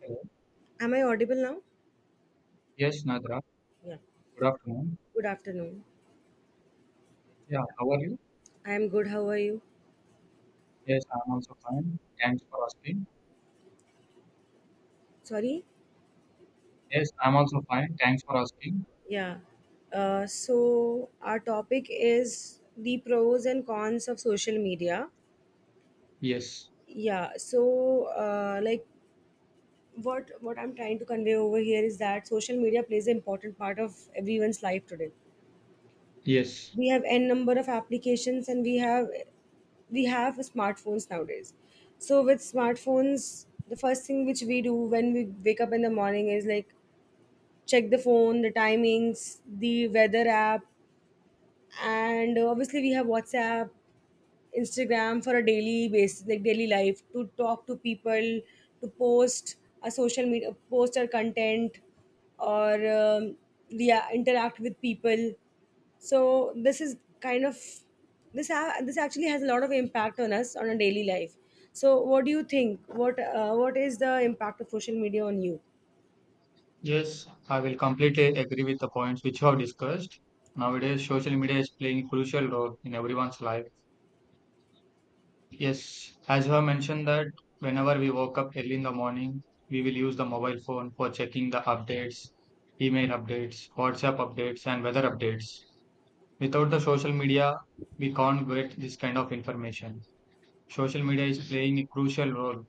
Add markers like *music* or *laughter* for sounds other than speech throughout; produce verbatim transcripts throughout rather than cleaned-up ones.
Hello. Am I audible now? Yes, Nadra. Yeah. Good afternoon. Good afternoon. Yeah, how are you? I am good. How are you? Yes, I'm also fine. Thanks for asking. Sorry? Yes, I'm also fine. Thanks for asking. Yeah. Uh, so, our topic is the pros and cons of social media. Yes, Yeah. So, uh, like, what what I'm trying to convey over here is that social media plays an important part of everyone's life today. yes, We have n number of applications, and we have we have smartphones nowadays. So with smartphones, the first thing which we do when we wake up in the morning is like check the phone, the timings, the weather app, and obviously we have WhatsApp, Instagram for a daily basis, like daily life, to talk to people, to post a social media, post our content, or um, yeah, interact with people. So this is kind of this a- this actually has a lot of impact on us on a daily life. So what do you think? What uh, what is the impact of social media on you? yes. I will completely agree with the points which you have discussed. Nowadays, social media is playing a crucial role in everyone's life. Yes, as you have mentioned that whenever we woke up early in the morning, we will use the mobile phone for checking the updates, email updates, WhatsApp updates, and weather updates. Without the social media, we can't get this kind of information. Social media is playing a crucial role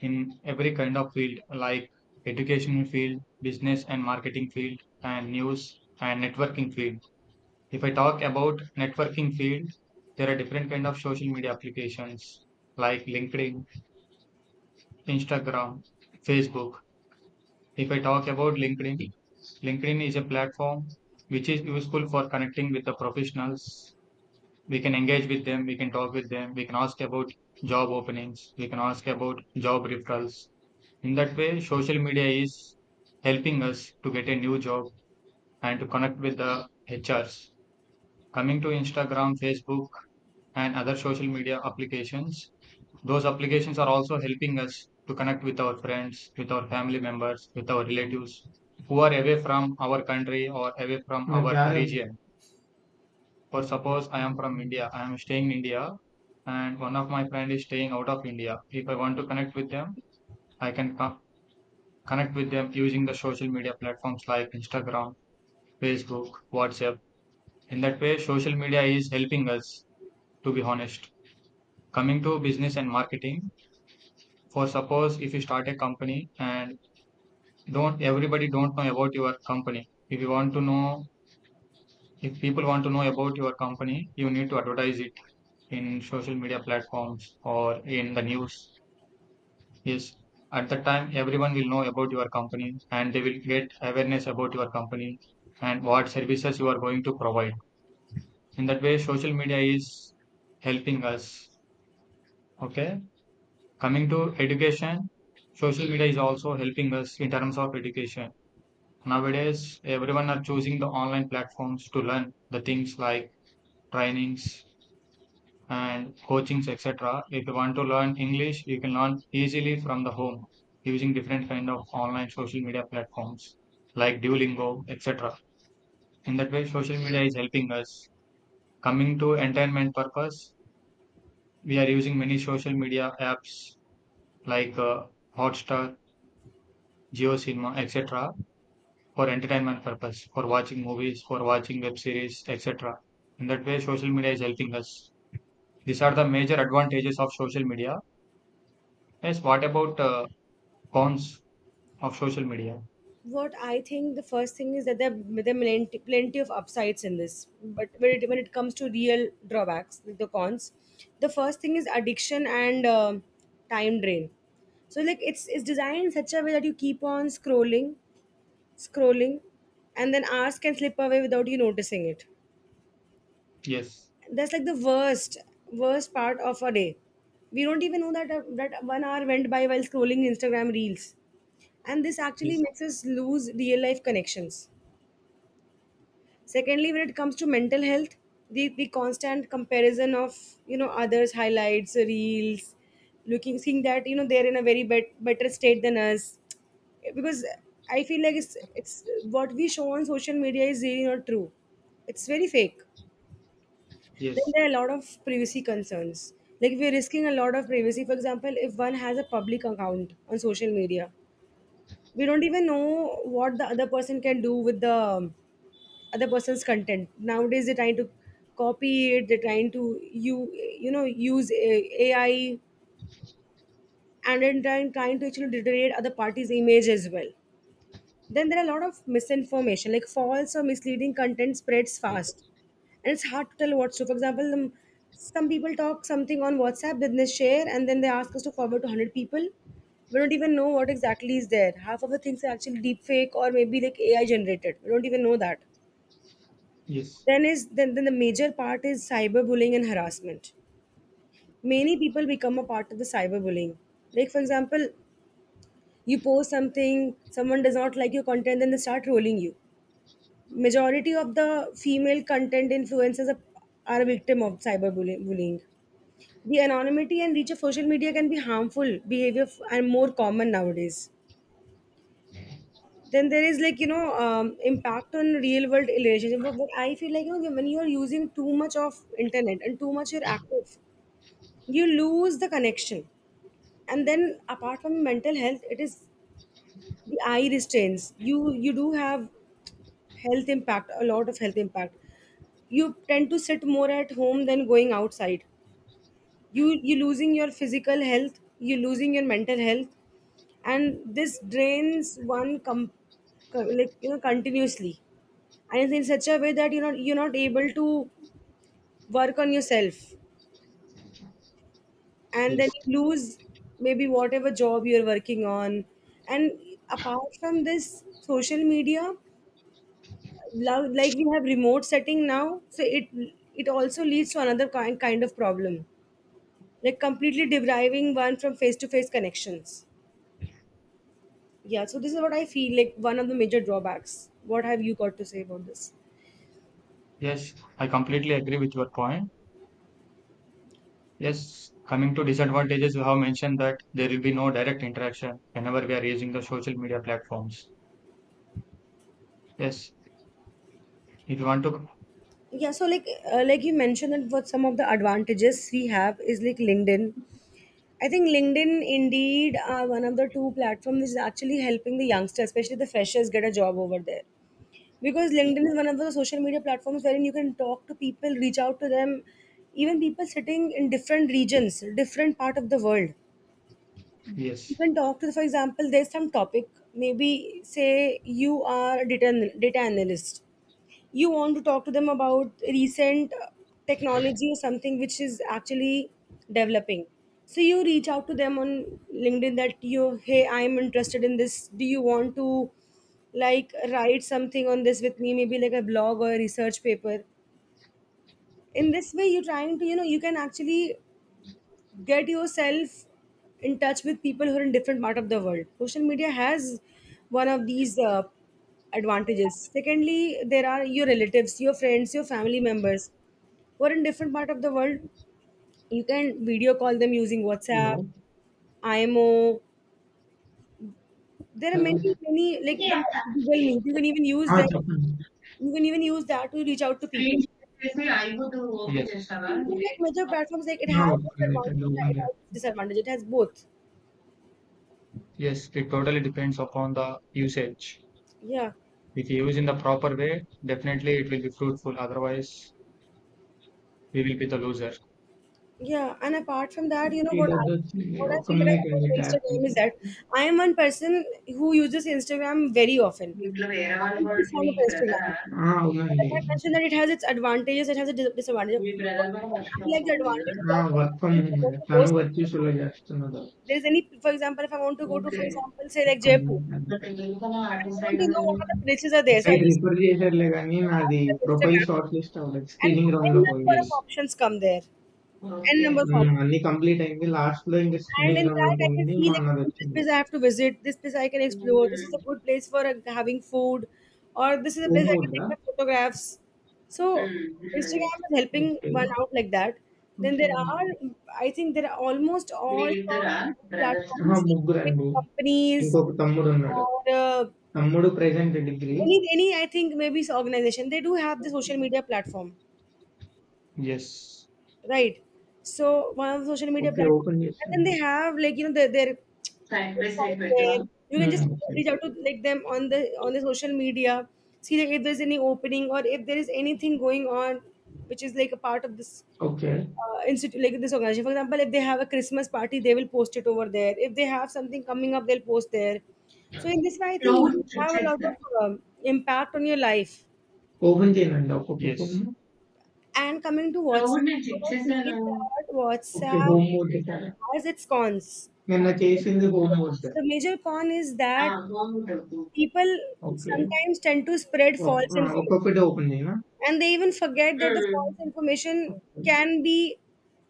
in every kind of field like educational field, business and marketing field, and news and networking field. If I talk about networking field, there are different kind of social media applications like LinkedIn, Instagram, Facebook. If I talk about LinkedIn, LinkedIn is a platform which is useful for connecting with the professionals. We can engage with them, we can talk with them, we can ask about job openings, we can ask about job referrals. In that way, social media is helping us to get a new job and to connect with the hrs. Coming to Instagram, Facebook, and other social media applications, those applications are also helping us to connect with our friends, with our family members, with our relatives who are away from our country or away from Uh, our yeah, region. For suppose, I am from India, I am staying in India, and one of my friend is staying out of India. If I want to connect with them, I can co- connect with them using the social media platforms like Instagram, Facebook, WhatsApp. In that way, social media is helping us, to be honest. Coming to business and marketing, for suppose if you start a company and don't everybody don't know about your company. If you want to know, if people want to know about your company, you need to advertise it in social media platforms or in the news. Yes, at that time, everyone will know about your company and they will get awareness about your company and what services you are going to provide. In that way, social media is helping us. Okay. Coming to education, social media is also helping us in terms of education. Nowadays, everyone are choosing the online platforms to learn the things like trainings and coachings, etc. If you want to learn English, you can learn easily from the home using different kind of online social media platforms like Duolingo, etc. In that way, social media is helping us. Coming to entertainment purpose, we are using many social media apps like uh, Hotstar, geo cinema, etc., for entertainment purpose, for watching movies, for watching web series, etc. In that way, social media is helping us. These are the major advantages of social media. Yes, what about uh, cons of social media? What I think the first thing is that there are, there are plenty, plenty of upsides in this, but when it, when it comes to real drawbacks, like the cons, the first thing is addiction and um time drain. So like it's it's designed in such a way that you keep on scrolling, scrolling, and then hours can slip away without you noticing it. Yes, That's like the worst worst part of a day. We don't even know that uh, that one hour went by while scrolling Instagram reels, and this actually yes, makes us lose real life connections. Secondly, when it comes to mental health, the, the constant comparison of, you know, others' highlights reels, looking seeing that, you know, they're in a very bet, better state than us, because I feel like it's it's what we show on social media is really not true. It's very fake. Then yes, there are a lot of privacy concerns. Like, we're risking a lot of privacy. For example, if one has a public account on social media, we don't even know what the other person can do with the other person's content. Nowadays, they're trying to copy it, they're trying to, you you know, use uh, A- AI, and then trying, trying to actually deteriorate other parties' image as well. Then there are a lot of misinformation, like false or misleading content spreads fast, and it's hard to tell what's true. For example, um, some people talk something on WhatsApp, then they share, and then they ask us to forward to one hundred people. We don't even know what exactly is there. Half of the things are actually deep fake or maybe like AI generated, we don't even know that. yes, then is then, Then the major part is cyberbullying and harassment. Many people become a part of the cyberbullying. Like, for example, you post something, someone does not like your content, then they start trolling you. Majority of the female content influencers are, are a victim of cyberbullying bullying. The anonymity and reach of social media can be harmful behavior f- and more common nowadays. Then there is, like, you know, um, impact on real world relationship. But, but I feel like, you know, when you are using too much of internet and too much you're active, you lose the connection. And then, apart from mental health, it is the eye restraints. you you do have health impact, a lot of health impact. You tend to sit more at home than going outside. You you losing your physical health, you losing your mental health. And this drains one com- co- like, you know, continuously. And it's in such a way that, you know, you're not able to work on yourself, and then yes, you lose maybe whatever job you're working on. And apart from this, social media, lo- like, we have remote setting now, so it it also leads to another kind kind of problem, like completely depriving one from face to face connections. Yeah, so this is what I feel like one of the major drawbacks. What have you got to say about this? yes. I completely agree with your point. Yes, coming to disadvantages, you have mentioned that there will be no direct interaction whenever we are using the social media platforms. Yes, if you want to, Yeah, so like, uh, like you mentioned that, what some of the advantages we have is like LinkedIn. I think LinkedIn, Indeed, are one of the two platforms which is actually helping the youngsters, especially the freshers, get a job over there. Because yeah, LinkedIn is one of the social media platforms wherein you can talk to people, reach out to them, even people sitting in different regions, different part of the world. You yes. can talk to, for example, there's some topic. Maybe say you are a data, an- data analyst. You want to talk to them about recent uh, technology or something which is actually developing. So you reach out to them on LinkedIn that, you hey, I'm interested in this, do you want to like write something on this with me, maybe like a blog or a research paper. In this way, you're trying to, you know, you can actually get yourself in touch with people who are in different part of the world. Social media has one of these uh, advantages. Secondly, there are your relatives, your friends, your family members who are in different part of the world. You can video call them using WhatsApp, hello IMO. There are hello many, many like there are Google Meet. You can even use ఆ, that. చెప్పండి You can even use that to reach out to screen people. చేసి ఐబుట్ open Yes, చేస్తావా So, మీరు like major platforms, like, it ఆ, has ఒక్క its minute advantage, అండి, it has open చేస్తాను. its disadvantage, it has both. Yes, it totally depends upon the usage. Yeah. If you use in the proper way, definitely it will be fruitful. Otherwise, we will be the loser. Yeah, and apart from that, you know what ఇది I, వచ్చి what I ఒక్క feel like minute అండి about tap Instagram is that I am one person who uses Instagram very often. ఇంట్లో వేరే I వాళ్ళు am కూడా very మీ fond of బ్రదరా Instagram. ఆ, So like అవునండి I mentioned that it has its advantages, it has a dis- disadvantage. మీ But brother కూడా what work I from like the advantage is that, home work from for example, if I home want to go తను somewhere, వర్చీసులో చేస్తున్నది there's any, for example, if I want to go to, okay for example, say like ఒక్క Jaipur, minute. కదా and అటు I want side to know what other places are there, so I'll site just refer simply go and చేశారులే search కానీ my నాది hashtag profile Instagram, short list అవ్వలేదు and screening round లో n పోయింది number Yes. of options come there, n okay. number of hmm. options. అన్నీ complete అయింది. లాస్ట్‌లో ఇంక And స్పిన్నింగ్ in రౌండ్‌లో that, I can పోయింది. see మా like this అన్నదొచ్చింది. place I have to visit, this place I can హ్మ్. explore, this is a good place for uh, having food, or this is a place I can కోమూర్‌దా? take my photographs. So hmm. ఉండేది. Instagram is helping okay. one out like that. Then there okay. are, I think there are almost all sorts మీరిద్దరా of బ్రదర్సా? అహా! platforms, like big ముగ్గురండి. companies ఇంకొక తమ్ముడున్నాడు. or uh, తమ్ముడు present degree. any any, I think maybe it's organization. They do have the okay. social media platform. Yes. Right. So one of the social media okay. platforms, open and చేస్తున్నా. then they have, like, you know, their their side by side website పెట్టవా? there. You can hmm. just okay. reach out to like them on the on the social media, see like, if there's any opening or if there is anything going on, which is like a part of this okay. uh, institute, like this organization. For example, if they have a Christmas party, they will post it over there. If they have something coming up, they'll post there. So in this way, I think Claude you check have a lot చేస్తా. of um, impact on your life. Open చేయనండి. ఒక్కొక్కటి. And coming to Claude WhatsApp, నేను check I చేశాను. have that okay. WhatsApp home work చేశారా? has its cons. నిన్న చేసింది home work. The major con is ఆ! that home work. people okay. sometimes tend to spread ఒక్ false ఆ! information, ఒక్కొక్కటి open చేయనా? and they even forget that the hmm. false information okay. can be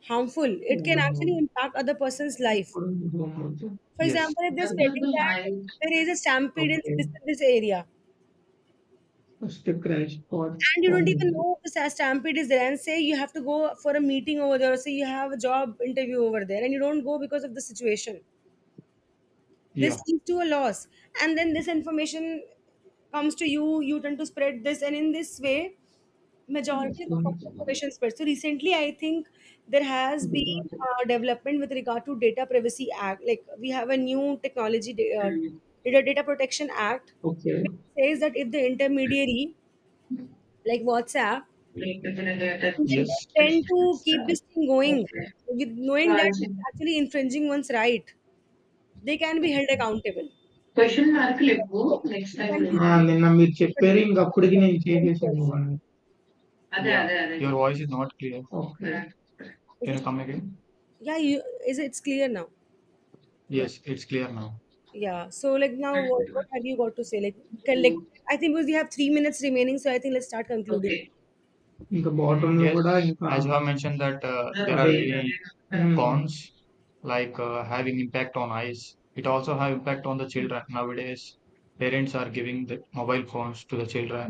harmful. It can home actually work. impact other person's life. ఇప్పుడు home work. For yes. example, okay. if they're spreading దగ్గరగా that రాయి there is a stampede in okay. this, this area, first crash course and you don't format. even know if the stampede is there, and say you have to go for a meeting over there, or say you have a job interview over there, and you don't go because of the situation, this yeah! leads to a loss. And then this information comes to you, you tend to spread this, and in this way majority of the false హ్మ్. information spreads. So recently I think there has been uh, development with regard to data privacy act. Like we have a new technology da- uh, data data protection act, okay. which says that if the intermediary, like WhatsApp, లేకపోతే data they yes. tend to keep this thing going okay. with knowing that రాయాల్సిన it's actually infringing one's right, they can be held accountable. Question Yes, మార్కులెక్కువ next time can be, ఆ! నుంచి నిన్న మీరు but చెప్పారు. ఇంక అప్పటికి నేను చేసేసాను question. ఇవన్నీ. అదే. Yeah. అదే. అదే. Your voice is not clear. Okay. Is Can you it? come again? Yeah, you, is it- it's clear now? Yeah, Yes, it's clear now. yeah. So like now, what, what have you got to say? Like, can like, హ్మ్. I think because we have three minutes remaining, so I think let's start concluding. Okay. ఇంకా బాటంలో Yes. కూడా ఇంకా. As you have mentioned that uh, there are Abhi- many Hmm. cons like uh, having impact on eyes. It also have impact on the children nowadays. Parents are giving the mobile phones to the children.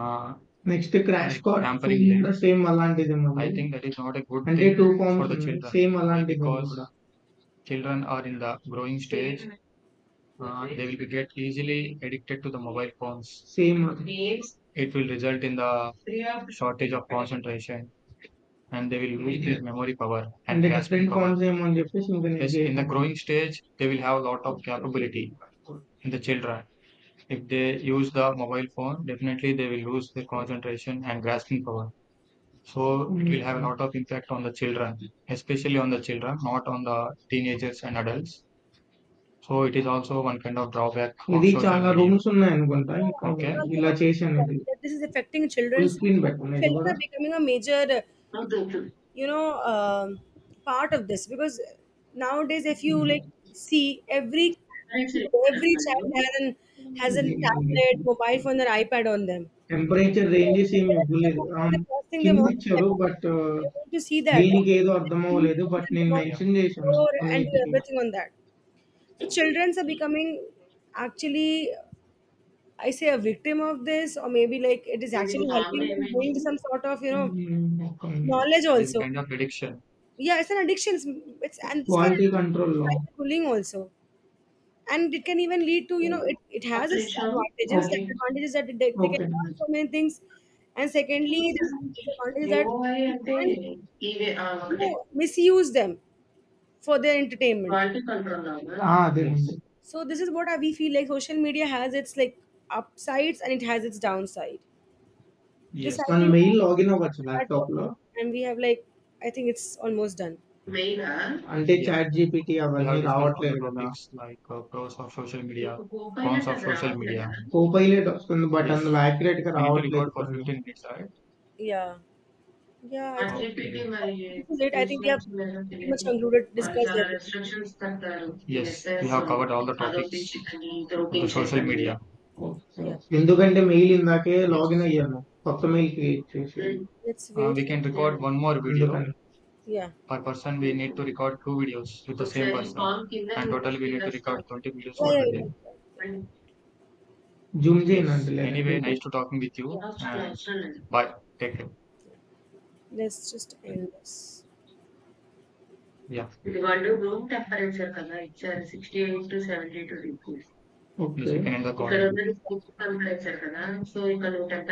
Uh, next crash like card Tampering them. కూడా same అలాంటిది I ఉంది. Think that is not a good అంటే thing too for the ఫార్మ్స్ children same అలాంటిది ఉంది because కూడా children are in the growing stage. Uh, they will get easily addicted to the mobile phones. Same. It will result in the shortage of concentration and they will lose their memory power and grasping power. In the Yes, in the growing stage, they will have a lot of capability in the children. If they use the mobile phone, definitely they will lose their concentration and grasping power. So it will have a lot of impact on the children, especially on the children, not on the teenagers and adults. So, it is also one kind of drawback ఇది offshore చాలా company. Rooms ఉన్నాయనుకుంటా. ఇంకా Yeah, okay. because you're ఇలా చేశాను completely right ఇది. that this is affecting full children's. Screen పెట్టనా ఇది Children గూడా? are becoming a major uh, వద్దొద్దు. you know um, part of this because nowadays if you హ్మ్. like see every టెంపరేచర్ ఇచ్చారా every వాళ్ళు? child has an, has a ఇది మళ్ళీ tablet, mobile phone or iPad on them. Temperature ranges They ఏమి get up in the ఇవ్వలేదు. morning and అవును. the first thing they want is కిందిచ్చారు. Peppa Pig. But They want to see that and they దీనికేదో want అర్థం to eat అవ్వలేదు. and but then నేను they yeah! want to mention చేశాను explore and do కొన్నిటికి. everything on that. So childrens are becoming actually, I say, a victim of this, or maybe like it is ఇది actually formula helping them ఏమేంటి? gain some sort of, you know, hmm. ఒక్క minute. knowledge it is also. Kind of prediction. Yeah, it's an addiction. It's, it's, and this can quality actually కంట్రోల్‌లో. cyber bullying also, and it can even lead to, you know, it, it ఒక్క has its నిమిషం okay. advantages. The ఆగి advantage is that they, they can okay. learn so many things, and secondly, the disadvantage is that UI you అంటే can, ఇవే ఆ! you ఒకటే know, misuse them for their entertainment. Quality control లాగా? ఆ! అదేనండి. So this is what I, we feel like social media has its, like, upsides and it has its downside. Yes. This, I మనం think, mail login అవ్వచ్చు that work. ల్యాప్‌టాప్‌లో. And we have like, I think it's almost done. మెయిలా? అంటే Yeah. Chat GPT అవన్నీ There are రావట్లేదు గదా! మీకు కో Copilot అది రావట్లేదా? కో పైలట్ వస్తుంది. But Yes. అందులో యాక్యురేట్‌గా రావట్లేదు for కొన్ని. fifteen minutes, right? Yeah, I think Activity Okay. *laughs* by this is it. I think we have Christians were pretty much relating, concluded, or there discussed are everything. restrictions that the. Yes, we have covered all the topics on the social media. Yeah. ఎందుకంటే mail ఇందాకే login అయ్యాను కొత్త mail create చేసి. Let's Uh, wait we for, can record one more video ఎందుకంటే yeah. per person. We need to record two videos with the same person, and total we need to record twenty videos for Yeah, yeah, the you day. can. Yeah. Zoom చేయను అంటే. Anyway, nice to talking with you. Yeah. And Thank you. Anyway. Bye. Take care. Let's just end this. Yeah. You got the room temperature కదా ఇచ్చారు sixty eight to seventy two degrees Okay. ఇక్కడ ఉన్నది room temperature కదా so ఇక్కడ నువ్వు temperature